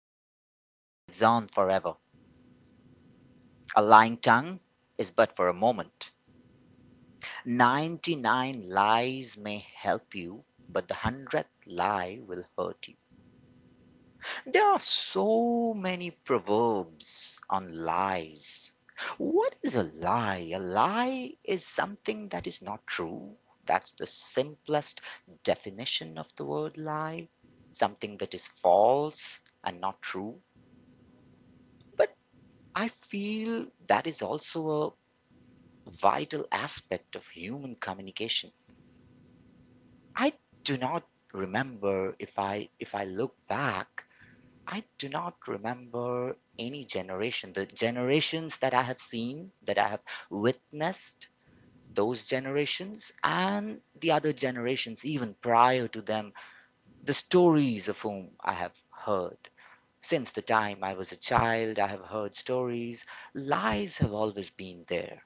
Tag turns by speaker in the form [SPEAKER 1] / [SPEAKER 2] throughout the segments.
[SPEAKER 1] but truth lives on forever. A lying tongue is but for a moment. 99 lies may help you, but the hundredth lie will hurt you. There are so many proverbs on lies. What is a lie? A lie is something that is not true. That's the simplest definition of the word lie, something that is false and not true. But I feel that is also a vital aspect of human communication. I do not remember if I look back, I do not remember any generation. The generations that I have seen, that I have witnessed, those generations and the other generations even prior to them, the stories of whom I have heard. Since the time I was a child, I have heard stories. Lies have always been there.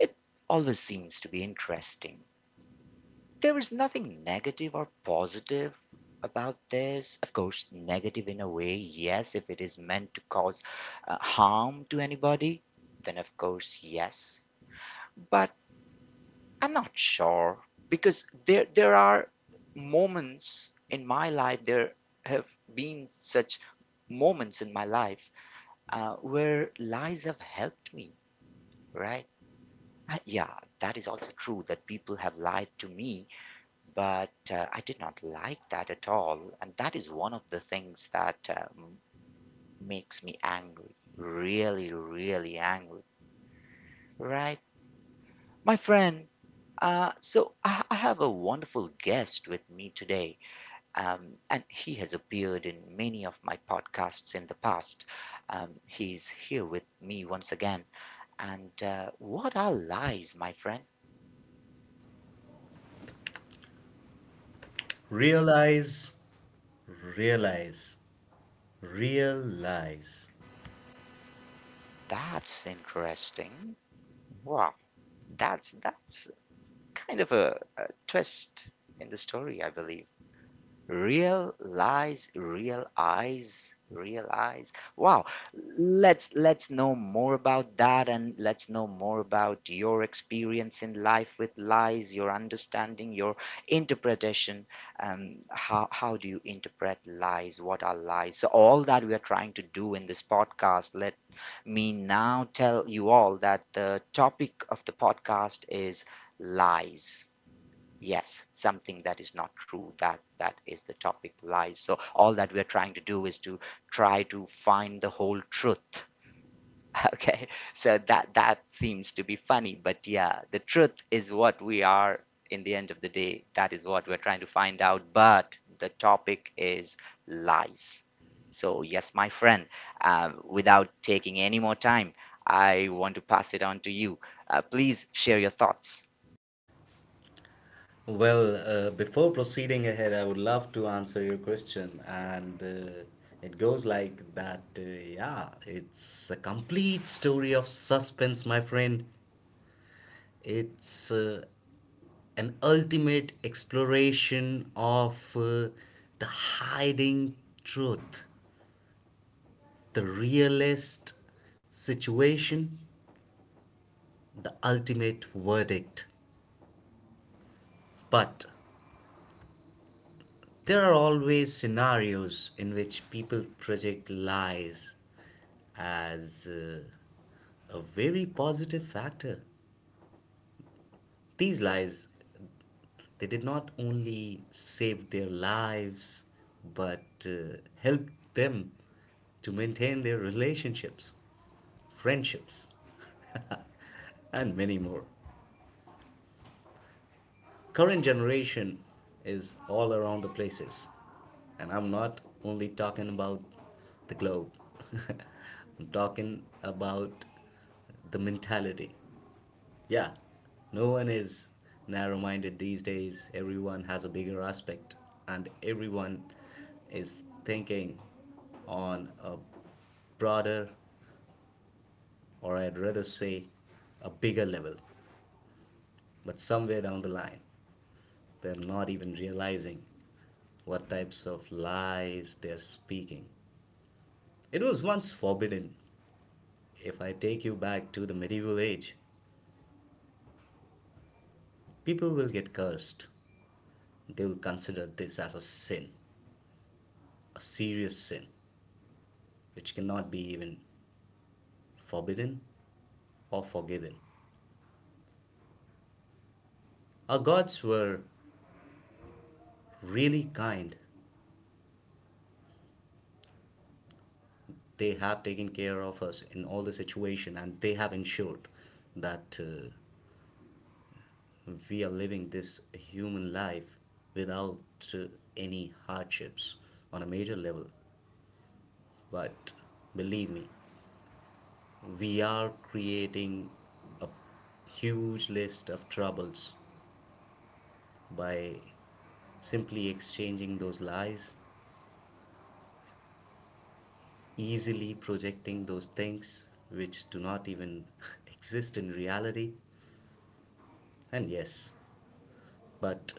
[SPEAKER 1] It always seems to be interesting. There is nothing negative or positive about this. Of course, negative in a way, yes, if it is meant to cause harm to anybody, then of course, yes. But I'm not sure because there are moments in my life, there have been such moments in my life where lies have helped me, right? Yeah, that is also true that people have lied to me. But I did not like that at all. And that is one of the things that makes me angry. Really, really angry. Right? My friend, so I have a wonderful guest with me today. And he has appeared in many of my podcasts in the past. He's here with me once again. And what are lies, my friend?
[SPEAKER 2] Realize, realize, realize.
[SPEAKER 1] That's interesting. Wow, that's kind of a twist in the story, I believe. Real lies, real eyes, real eyes. Wow. Let's know more about that, and let's know more about your experience in life with lies, your understanding, your interpretation. How do you interpret lies? What are lies? So all that we are trying to do in this podcast, let me now tell you all that the topic of the podcast is lies, yes, something that is not true. That is the topic, lies. So all that we're trying to do is to try to find the whole truth. Okay, so that seems to be funny, but yeah, the truth is what we are in the end of the day. That is what we're trying to find out, but the topic is lies. So yes, my friend, without taking any more time, I want to pass it on to you. Please share your thoughts.
[SPEAKER 2] Well, before proceeding ahead, I would love to answer your question, and it goes like that. Yeah, it's a complete story of suspense, my friend. It's an ultimate exploration of the hiding truth, the realist situation, the ultimate verdict. But there are always scenarios in which people project lies as a very positive factor. These lies, they did not only save their lives, but helped them to maintain their relationships, friendships, and many more. Current generation is all around the places, and I'm not only talking about the globe. I'm talking about the mentality. Yeah, no one is narrow-minded these days. Everyone has a bigger aspect, and everyone is thinking on a broader, or I'd rather say, a bigger level. But somewhere down the line, they're not even realizing what types of lies they're speaking. It was once forbidden. If I take you back to the medieval age, people will get cursed. They will consider this as a sin, a serious sin, which cannot be even forbidden or forgiven. Our gods were really kind. They have taken care of us in all the situation, and they have ensured that we are living this human life without any hardships on a major level. But believe me, we are creating a huge list of troubles by simply exchanging those lies, easily projecting those things which do not even exist in reality. And yes, but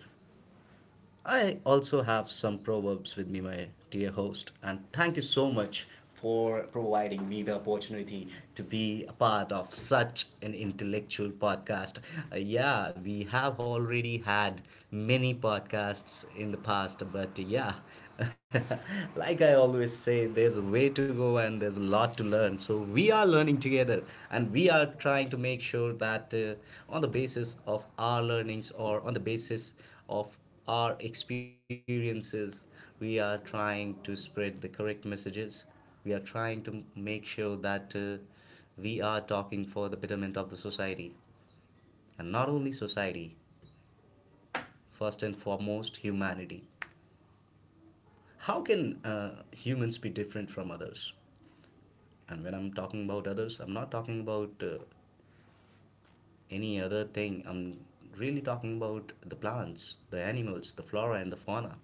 [SPEAKER 2] I also have some proverbs with me, my dear host, and thank you so much for providing me the opportunity to be a part of such an intellectual podcast. Yeah, we have already had many podcasts in the past, but yeah, like I always say, there's a way to go and there's a lot to learn. So we are learning together, and we are trying to make sure that on the basis of our learnings or on the basis of our experiences. We are trying to spread the correct messages. We are trying to make sure that we are talking for the betterment of the society. And not only society, first and foremost, humanity. How can humans be different from others? And when I'm talking about others, I'm not talking about any other thing. I'm really talking about the plants, the animals, the flora, and the fauna.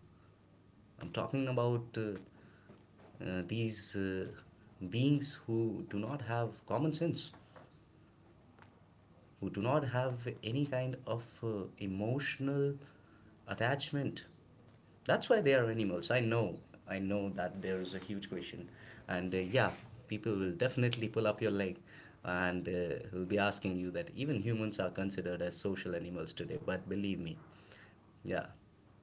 [SPEAKER 2] I'm talking about these beings who do not have common sense, who do not have any kind of emotional attachment. That's why they are animals. I know that there is a huge question, and yeah, people will definitely pull up your leg and will be asking you that even humans are considered as social animals today. But believe me, yeah,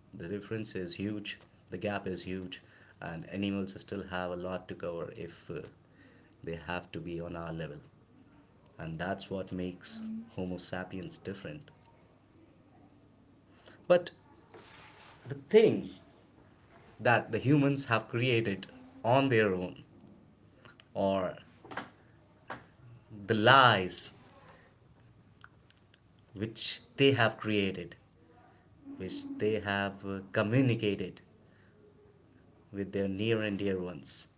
[SPEAKER 2] the difference is huge, the gap is huge, and animals still have a lot to cover if they have to be on our level. And that's what makes Homo sapiens different. But the thing that the humans have created on their own, or the lies which they have created, which they have communicated with their near and dear ones,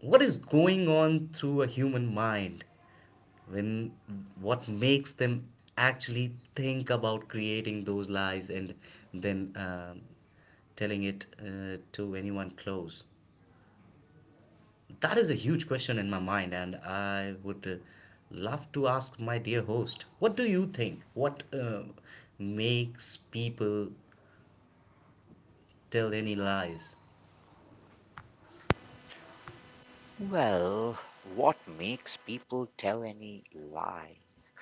[SPEAKER 2] what is going on through a human mind when what makes them actually think about creating those lies and then telling it to anyone close, that is a huge question in my mind, and I would love to ask my dear host, what do you think, what makes people tell any lies?
[SPEAKER 1] Well, what makes people tell any lies?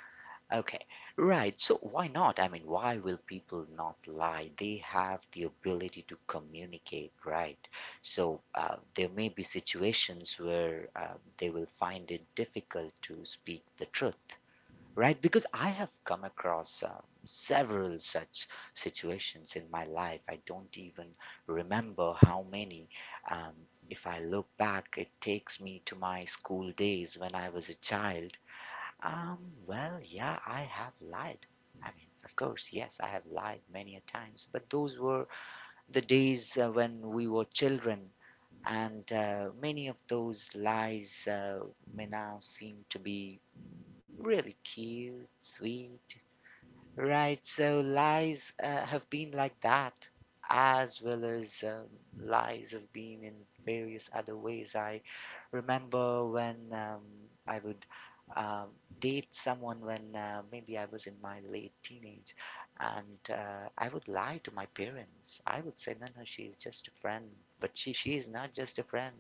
[SPEAKER 1] Okay, right. So why not? I mean, why will people not lie? They have the ability to communicate, right? So there may be situations where they will find it difficult to speak the truth, right? Because I have come across several such situations in my life. I don't even remember how many. Um, if I look back, it takes me to my school days when I was a child. Um, well, yeah, I have lied. I mean, of course, yes, I have lied many a times, but those were the days when we were children, and many of those lies may now seem to be really cute, sweet. Right, so lies have been like that, as well as lies have been in various other ways. I remember when I would um, date someone when maybe I was in my late teenage, and I would lie to my parents. I would say, no, no, she's just a friend, but she is not just a friend.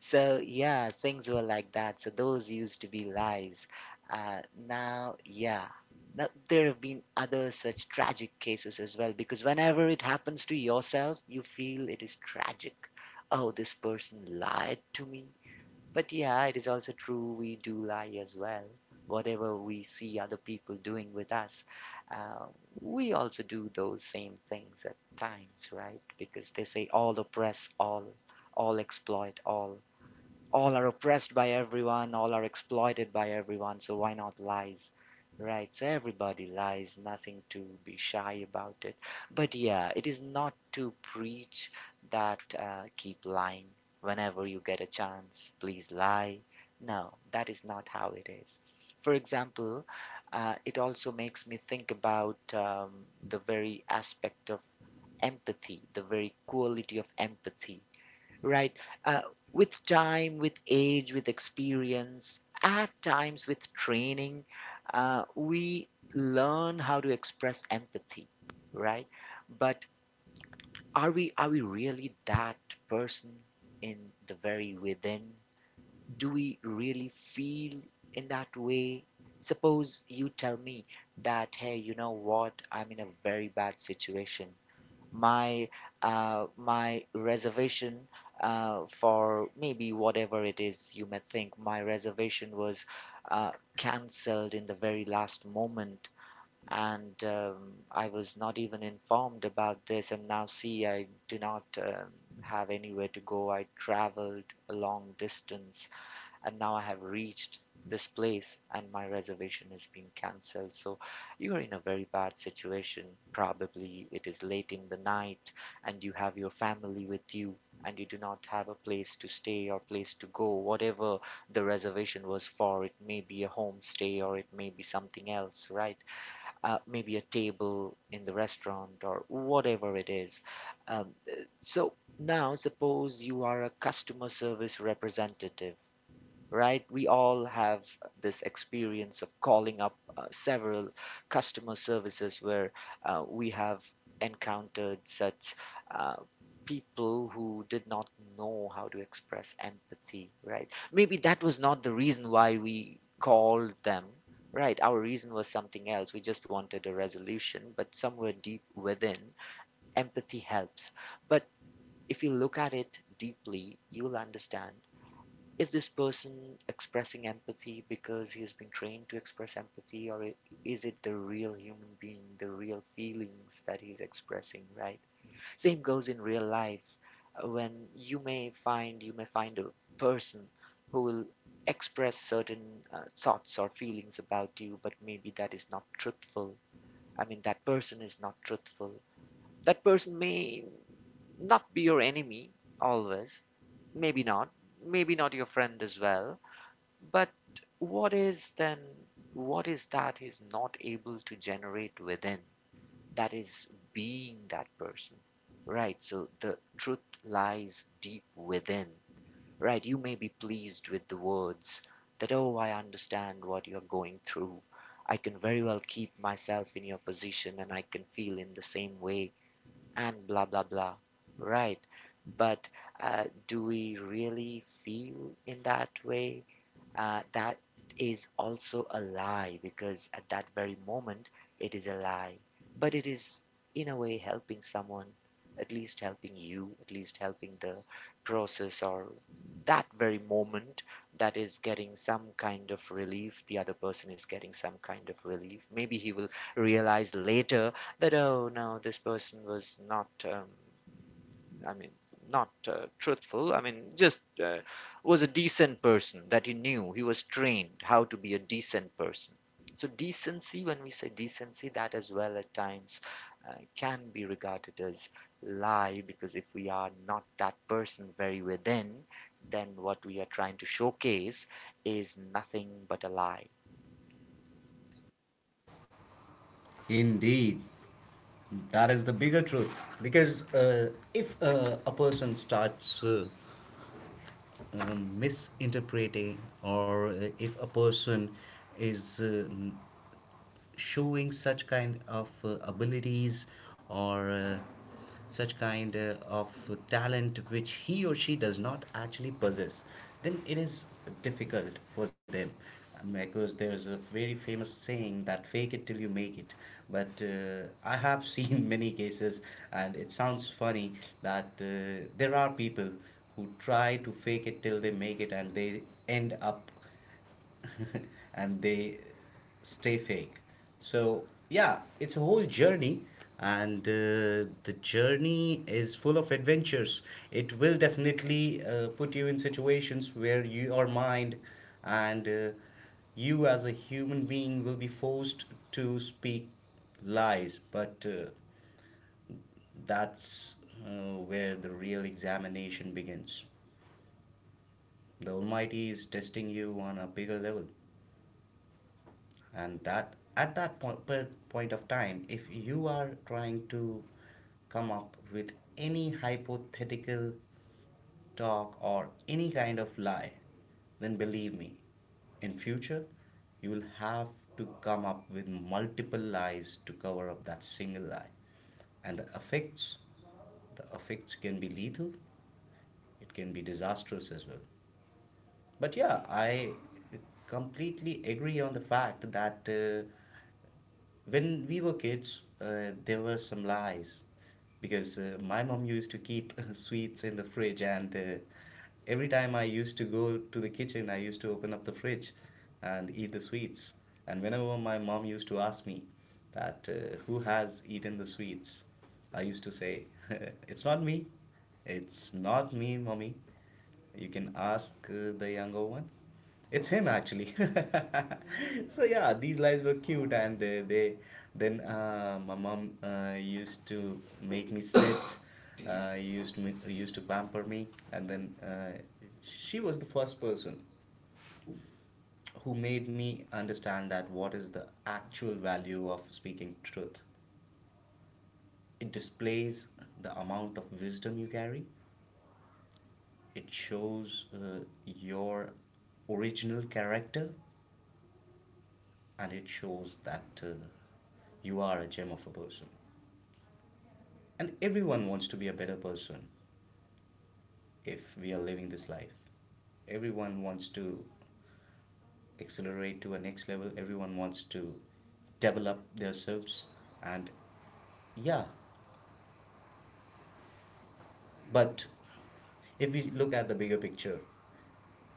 [SPEAKER 1] So, yeah, things were like that. So, those used to be lies. Uh, yeah, now, there have been other such tragic cases as well because whenever it happens to yourself, you feel it is tragic. Oh, this person lied to me. But yeah, it is also true we do lie as well. Whatever we see other people doing with us, uh, we also do those same things at times, right? Because they say all oppress all exploit all are oppressed by everyone, all are exploited by everyone, so why not lies? Right, so everybody lies, nothing to be shy about it. But yeah, it is not to preach that keep lying. Whenever you get a chance, please lie. No, that is not how it is. For example, it also makes me think about the very aspect of empathy, the very quality of empathy. Right. Uh, with time, with age, with experience, at times with training, we learn how to express empathy, right? But are we really that person in the very within? Do we really feel in that way? Suppose you tell me that, hey, you know what? I'm in a very bad situation. My uh, my reservation for maybe whatever it is, you may think my reservation was uh, cancelled in the very last moment, and I was not even informed about this, and now see, I do not have anywhere to go. I traveled a long distance and now I have reached this place and my reservation is being cancelled. So you are in a very bad situation. Probably it is late in the night, and you have your family with you, and you do not have a place to stay or place to go. Whatever the reservation was for, it may be a homestay or it may be something else, right? Maybe a table in the restaurant or whatever it is. Um, so now suppose you are a customer service representative, right? We all have this experience of calling up several customer services where we have encountered such uh, people who did not know how to express empathy, right? Maybe that was not the reason why we called them. Right, our reason was something else. We just wanted a resolution, but somewhere deep within, empathy helps. But if you look at it deeply, you'll understand, is this person expressing empathy because he has been trained to express empathy, or is it the real human being, the real feelings that he's expressing, right? Same goes in real life. When you may find a person who will express certain thoughts or feelings about you, but maybe that is not truthful. I mean, that person is not truthful. That person may not be your enemy always, maybe not, maybe not your friend as well, but what is then, what is that he's not able to generate within? That is being that person, right? So the truth lies deep within, right? You may be pleased with the words that, oh, I understand what you're going through. I can very well keep myself in your position and I can feel in the same way and blah, blah, blah, right? But do we really feel in that way? That is also a lie because at that very moment it is a lie. But it is, in a way, helping someone, at least helping you, at least helping the process or that very moment, that is getting some kind of relief. The other person is getting some kind of relief. Maybe he will realize later that, oh no, this person was not. I mean, not truthful. I mean, just was a decent person that he knew. He was trained how to be a decent person. So decency, when we say decency, that as well at times can be regarded as lie, because if we are not that person very within, then what we are trying to showcase is nothing but a lie.
[SPEAKER 2] Indeed, that is the bigger truth. Because if a person starts misinterpreting, or if a person is showing such kind of abilities or such kind of talent which he or she does not actually possess, then it is difficult for them. Because there's a very famous saying that fake it till you make it, but I have seen many cases, and it sounds funny that there are people who try to fake it till they make it and they end up and they stay fake. So, yeah, it's a whole journey, and the journey is full of adventures. It will definitely put you in situations where your mind and you as a human being will be forced to speak lies, but that's where the real examination begins. The Almighty is testing you on a bigger level. And that at that point of time, if you are trying to come up with any hypothetical talk or any kind of lie, then believe me, in future you will have to come up with multiple lies to cover up that single lie. And the effects can be lethal, it can be disastrous as well. But yeah, I completely agree on the fact that when we were kids, there were some lies, because my mom used to keep sweets in the fridge, and every time I used to go to the kitchen, I used to open up the fridge and eat the sweets. And whenever my mom used to ask me that who has eaten the sweets, I used to say, it's not me, it's not me, mommy. You can ask the younger one. It's him actually. So yeah, these lives were cute, and they then my mom used to make me sit, used to pamper me, and then she was the first person who made me understand that what is the actual value of speaking truth. It displays the amount of wisdom you carry. It shows your original character, and it shows that you are a gem of a person. And everyone wants to be a better person, if we are living this life. Everyone wants to accelerate to a next level, everyone wants to develop themselves. And yeah, but if we look at the bigger picture,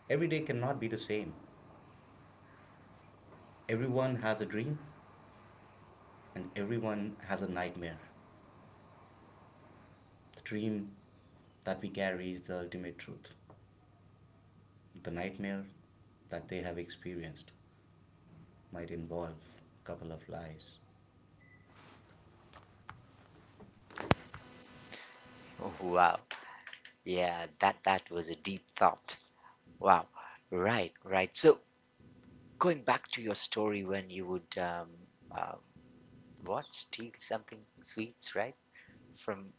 [SPEAKER 2] every day cannot be the same. Everyone has a dream and everyone has a nightmare. The dream that we carry is the ultimate truth, the nightmare that they have experienced might involve a couple of lies.
[SPEAKER 1] Oh, wow. Yeah, that was a deep thought. Wow. Right, right. So going back to your story when you would uh, what steal something, sweets, right, from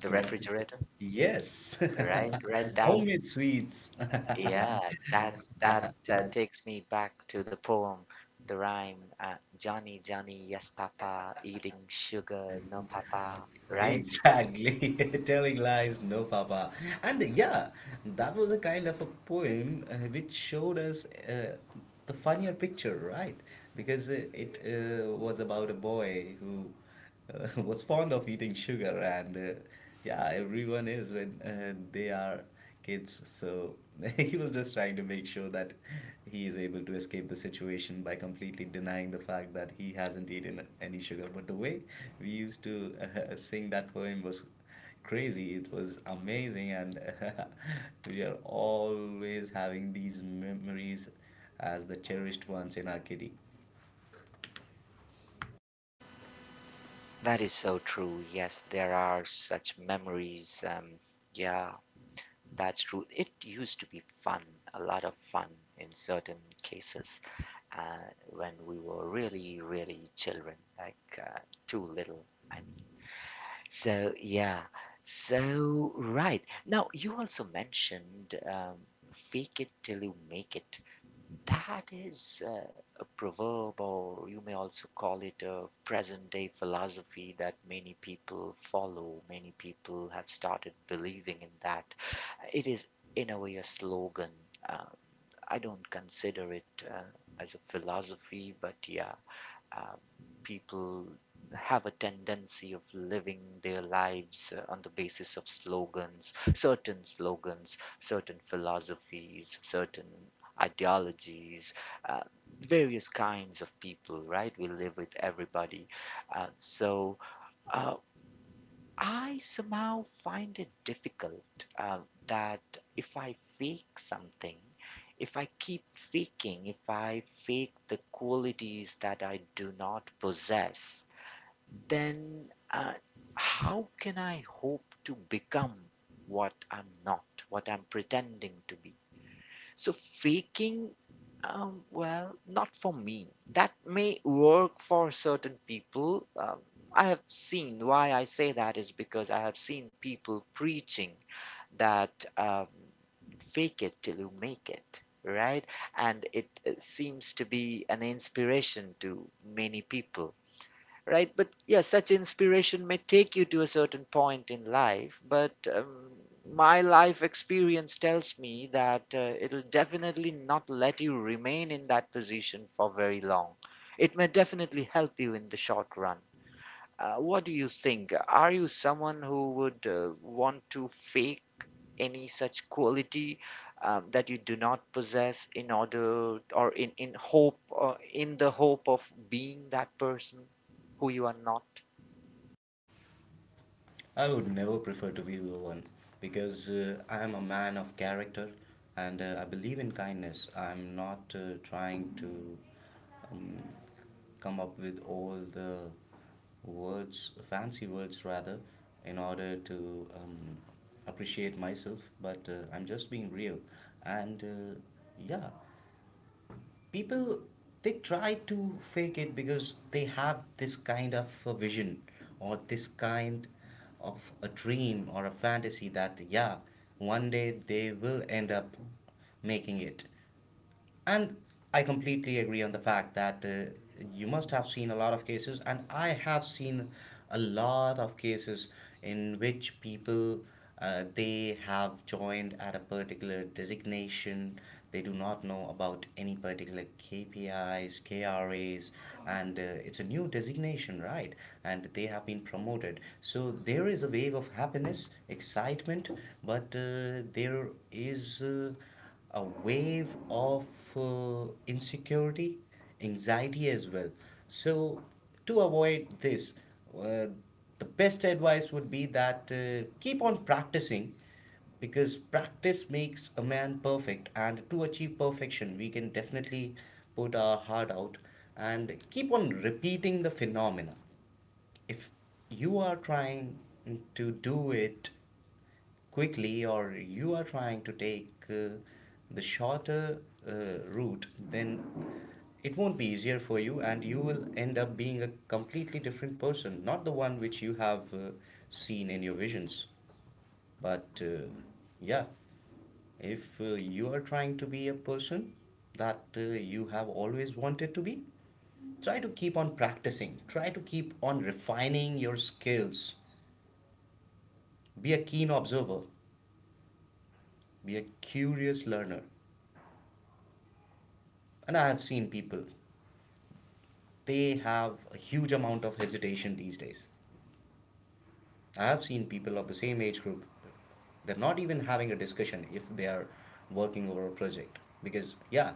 [SPEAKER 1] the
[SPEAKER 2] Refrigerator.
[SPEAKER 1] refrigerator,
[SPEAKER 2] Yes, right,
[SPEAKER 1] right? Right. That
[SPEAKER 2] homemade sweets. Yeah,
[SPEAKER 1] yeah. That
[SPEAKER 2] that
[SPEAKER 1] that
[SPEAKER 2] that that
[SPEAKER 1] takes me back to the poem, the rhyme. Johnny, Johnny, yes, Papa, eating
[SPEAKER 2] uh,
[SPEAKER 1] sugar,
[SPEAKER 2] no
[SPEAKER 1] no,
[SPEAKER 2] papa,
[SPEAKER 1] Papa.
[SPEAKER 2] right?
[SPEAKER 1] Right.
[SPEAKER 2] Exactly. Telling lies, no papa. And yeah, that was a kind of a poem which showed us the funnier picture, right? Because it was about a boy who was fond of eating sugar, and yeah, everyone is when they are kids. So he was just trying to make sure that he is able to escape the situation by completely denying the fact that he hasn't eaten any sugar. But the way we used to sing that poem was crazy. It was amazing, and we are always having these memories as the cherished ones in our kitty.
[SPEAKER 1] That is so true. Yes, there are such memories. Yeah, that's true. It used to be fun, a lot of fun in certain cases. When we were really, really children, like too little, I mean. So, yeah. So, right. Now, you also mentioned fake it till you make it. That is a proverb, or you may also call it a present day philosophy that many people follow. Many people have started believing in that. It is, in a way, a slogan. Um, I don't consider it uh, as a philosophy, but yeah, uh, people have a tendency of living their lives on the basis of slogans, certain philosophies, certain ideologies, uh, various kinds of people, right? We live with everybody. Uh, so, uh, I somehow find it difficult that if I fake something, if I keep faking, if I fake the qualities that I do not possess, then uh, how can I hope to become what I'm not, what I'm pretending to be? So faking, well, not for me. That may work for certain people. I have seen why I say that is because I have seen people preaching that fake it till you make it, right? And it seems to be an inspiration to many people, right? But yes, such inspiration may take you to a certain point in life, but my life experience tells me that it'll definitely not let you remain in that position for very long. It may definitely help you in the short run. What do you think? Are you someone who would want to fake any such quality that you do not possess in order or in hope in the hope of being that person who you are not?
[SPEAKER 2] I would never prefer to be the one, because I am a man of character, and I believe in kindness. I'm not trying to um, come up with all the words, fancy words rather, in order to appreciate myself, but I'm just being real. And yeah, people, they try to fake it because they have this kind of a vision or this kind of a dream or a fantasy that yeah, one day they will end up making it. And I completely agree on the fact that you must have seen a lot of cases, and I have seen a lot of cases in which people they have joined at a particular designation. They do not know about any particular KPIs, KRAs, and it's a new designation, right? And they have been promoted. So there is a wave of happiness, excitement, but there is. A wave of insecurity, anxiety as well. So, to avoid this, uh, the best advice would be that keep on practicing, because practice makes a man perfect, and to achieve perfection we can definitely put our heart out and keep on repeating the phenomena. If you are trying to do it quickly, or you are trying to take the shorter uh, route, then it won't be easier for you, and you will end up being a completely different person, not the one which you have seen in your visions. But yeah, if you are trying to be a person that you have always wanted to be, try to keep on practicing, try to keep on refining your skills, be a keen observer, be a curious learner. And I have seen people, they have a huge amount of hesitation these days. I have seen people of the same age group, they're not even having a discussion if they are working over a project, because, yeah,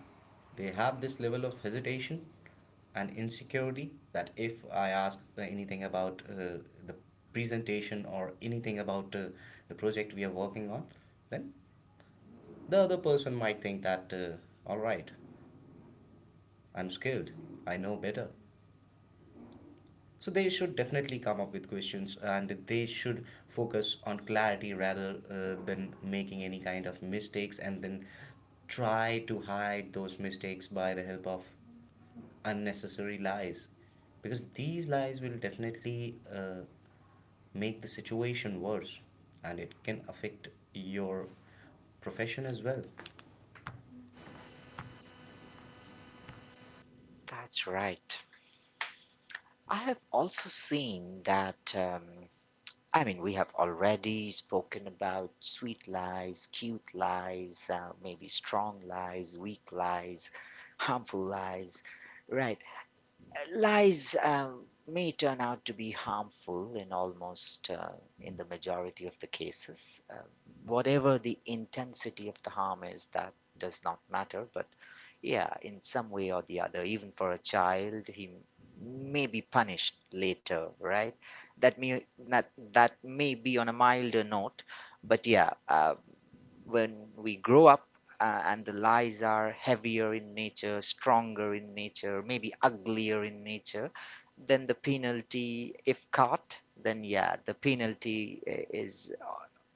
[SPEAKER 2] they have this level of hesitation and insecurity that if I ask anything about the presentation or anything about the project we are working on, then the other person might think that, all right, I'm skilled, I know better. So they should definitely come up with questions, and they should focus on clarity rather than making any kind of mistakes and then try to hide those mistakes by the help of unnecessary lies, because these lies will definitely make the situation worse, and it can affect your profession as well.
[SPEAKER 1] That's right. I have also seen that, I mean, we have already spoken about sweet lies, cute lies, maybe strong lies, weak lies, harmful lies, right? Lies may turn out to be harmful in almost in the majority of the cases. Whatever the intensity of the harm is, that does not matter. But yeah, in some way or the other, even for a child, he may be punished later, right? That may be on a milder note, but yeah, when we grow up and the lies are heavier in nature, stronger in nature, maybe uglier in nature, then the penalty, if caught, then yeah, the penalty is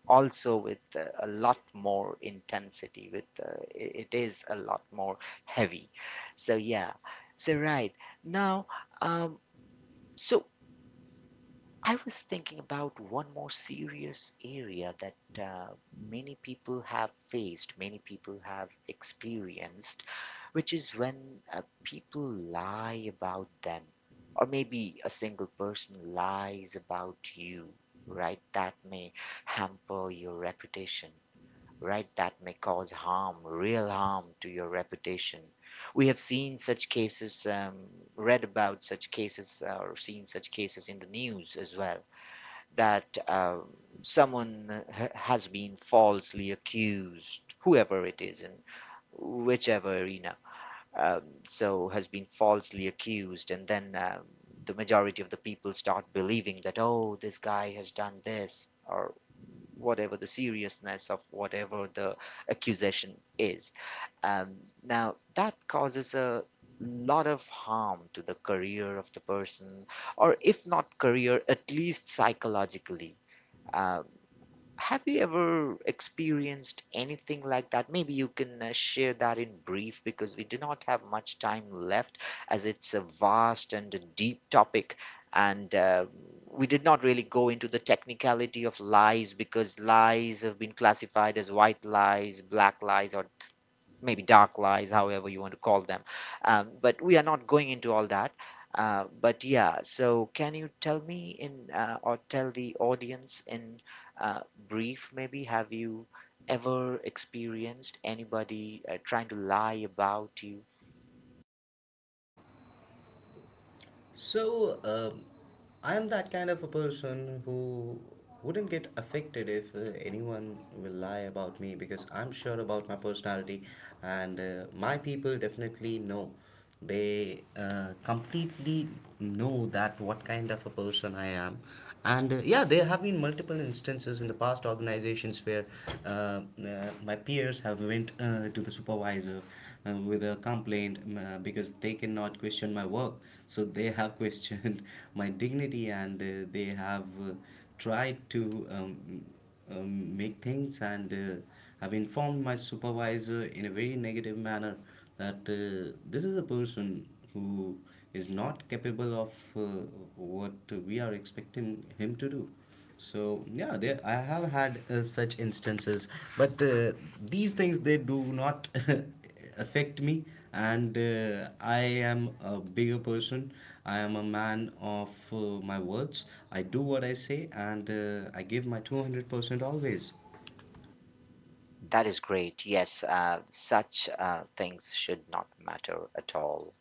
[SPEAKER 1] also with a lot more intensity, with it is a lot more heavy. So yeah, so right now, um, so I was thinking about one more serious area that many people have faced, many people have experienced, which is when people lie about them, or maybe a single person lies about you, right? That may hamper your reputation, right? That may cause harm, real harm to your reputation. We have seen such cases, read about such cases, or seen such cases in the news as well that someone has been falsely accused, whoever it is in whichever arena, so has been falsely accused, and then the majority of the people start believing that, oh, this guy has done this, or whatever the seriousness of whatever the accusation is. Um, Now, that causes a lot of harm to the career of the person, or if not career, at least psychologically, uh, have you ever experienced anything like that? Maybe you can share that in brief because we do not have much time left as it's a vast and a deep topic. And we did not really go into the technicality of lies because lies have been classified as white lies, black lies, or maybe dark lies, however you want to call them. But we are not going into all that. But yeah, so can you tell me in or tell the audience in uh, brief, maybe, have you ever experienced anybody trying to lie about you?
[SPEAKER 2] So, I'm that kind of a person who wouldn't get affected if anyone will lie about me, because I'm sure about my personality, and my people definitely know. They completely know that what kind of a person I am, and yeah, there have been multiple instances in the past organizations where my peers have went to the supervisor with a complaint, because they cannot question my work. So they have questioned my dignity, and they have tried to make things, and I've informed my supervisor in a very negative manner that this is a person who is not capable of what we are expecting him to do. So yeah, there I have had such instances, but these things, they do not affect me, and I am a bigger person, I am a man of my words. I do what I say, and I give my 200% always.
[SPEAKER 1] That is great. Yes, such things should not matter at all,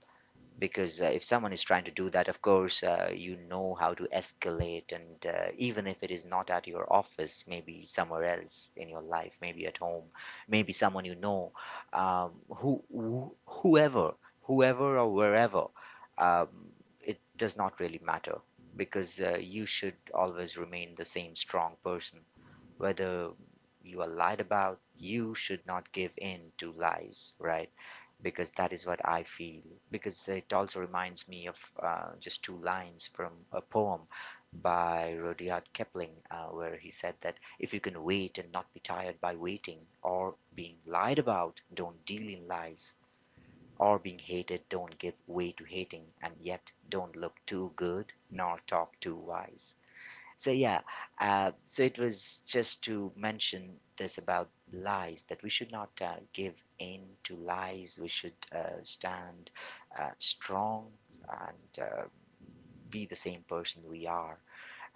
[SPEAKER 1] because if someone is trying to do that, of course you know how to escalate, and even if it is not at your office, maybe somewhere else in your life, maybe at home, maybe someone you know, um, who, whoever, whoever or wherever, um, it does not really matter because you should always remain the same strong person, whether you are lied about. You should not give in to lies, right? Because that is what I feel. Because it also reminds me of just two lines from a poem by Rudyard Kipling, where he said that if you can wait and not be tired by waiting, or being lied about, don't deal in lies. Or being hated, don't give way to hating, and yet don't look too good nor talk too wise. So yeah, so it was just to mention this about lies that we should not give in to lies. We should stand strong and be the same person we are.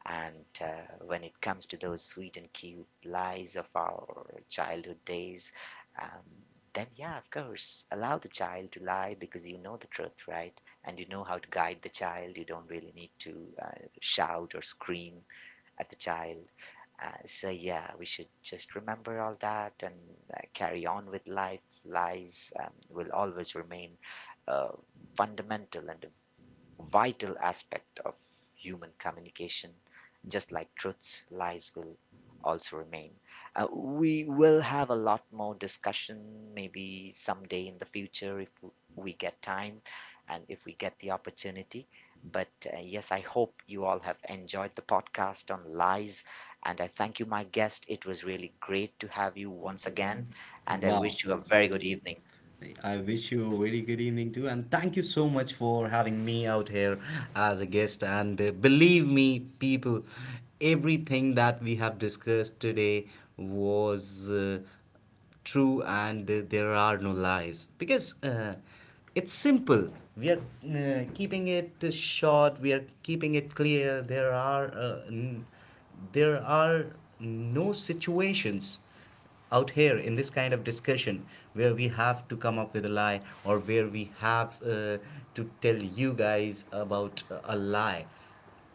[SPEAKER 1] And when it comes to those sweet and cute lies of our childhood days, um, then yeah, of course, allow the child to lie because you know the truth, right? And you know how to guide the child. You don't really need to shout or scream at the child. So yeah, we should just remember all that and carry on with life. Lies will always remain a fundamental and a vital aspect of human communication. Just like truths, lies will also remain. We will have a lot more discussion maybe someday in the future if we get time and if we get the opportunity. But yes, I hope you all have enjoyed the podcast on lies. And I thank you, my guest. It was really great to have you
[SPEAKER 2] Once
[SPEAKER 1] once again.
[SPEAKER 2] again, and
[SPEAKER 1] And
[SPEAKER 2] I
[SPEAKER 1] I
[SPEAKER 2] Wow.
[SPEAKER 1] wish
[SPEAKER 2] wish
[SPEAKER 1] you
[SPEAKER 2] you
[SPEAKER 1] a
[SPEAKER 2] a
[SPEAKER 1] very
[SPEAKER 2] very good
[SPEAKER 1] good evening.
[SPEAKER 2] evening. I wish you a very good evening too, and thank you so much for having me out here as a guest. And believe me, people, everything that we have discussed today was true, and there are no lies, because it's simple. We are keeping it short. We are keeping it clear. There are there are no situations out here in this kind of discussion where we have to come up with a lie, or where we have to tell you guys about a lie.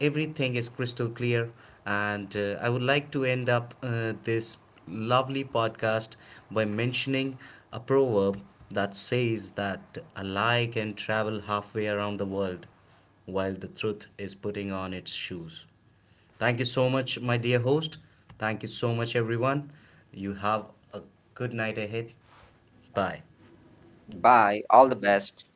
[SPEAKER 2] Everything is crystal clear, and I would like to end up this lovely podcast by mentioning a proverb that says that a lie can travel halfway around the world while the truth is putting on its shoes. Thank you so much, my dear host. Thank you so much, everyone. You have a good night ahead. Bye. Bye.
[SPEAKER 1] Bye. All
[SPEAKER 2] All the
[SPEAKER 1] the
[SPEAKER 2] best.
[SPEAKER 1] best.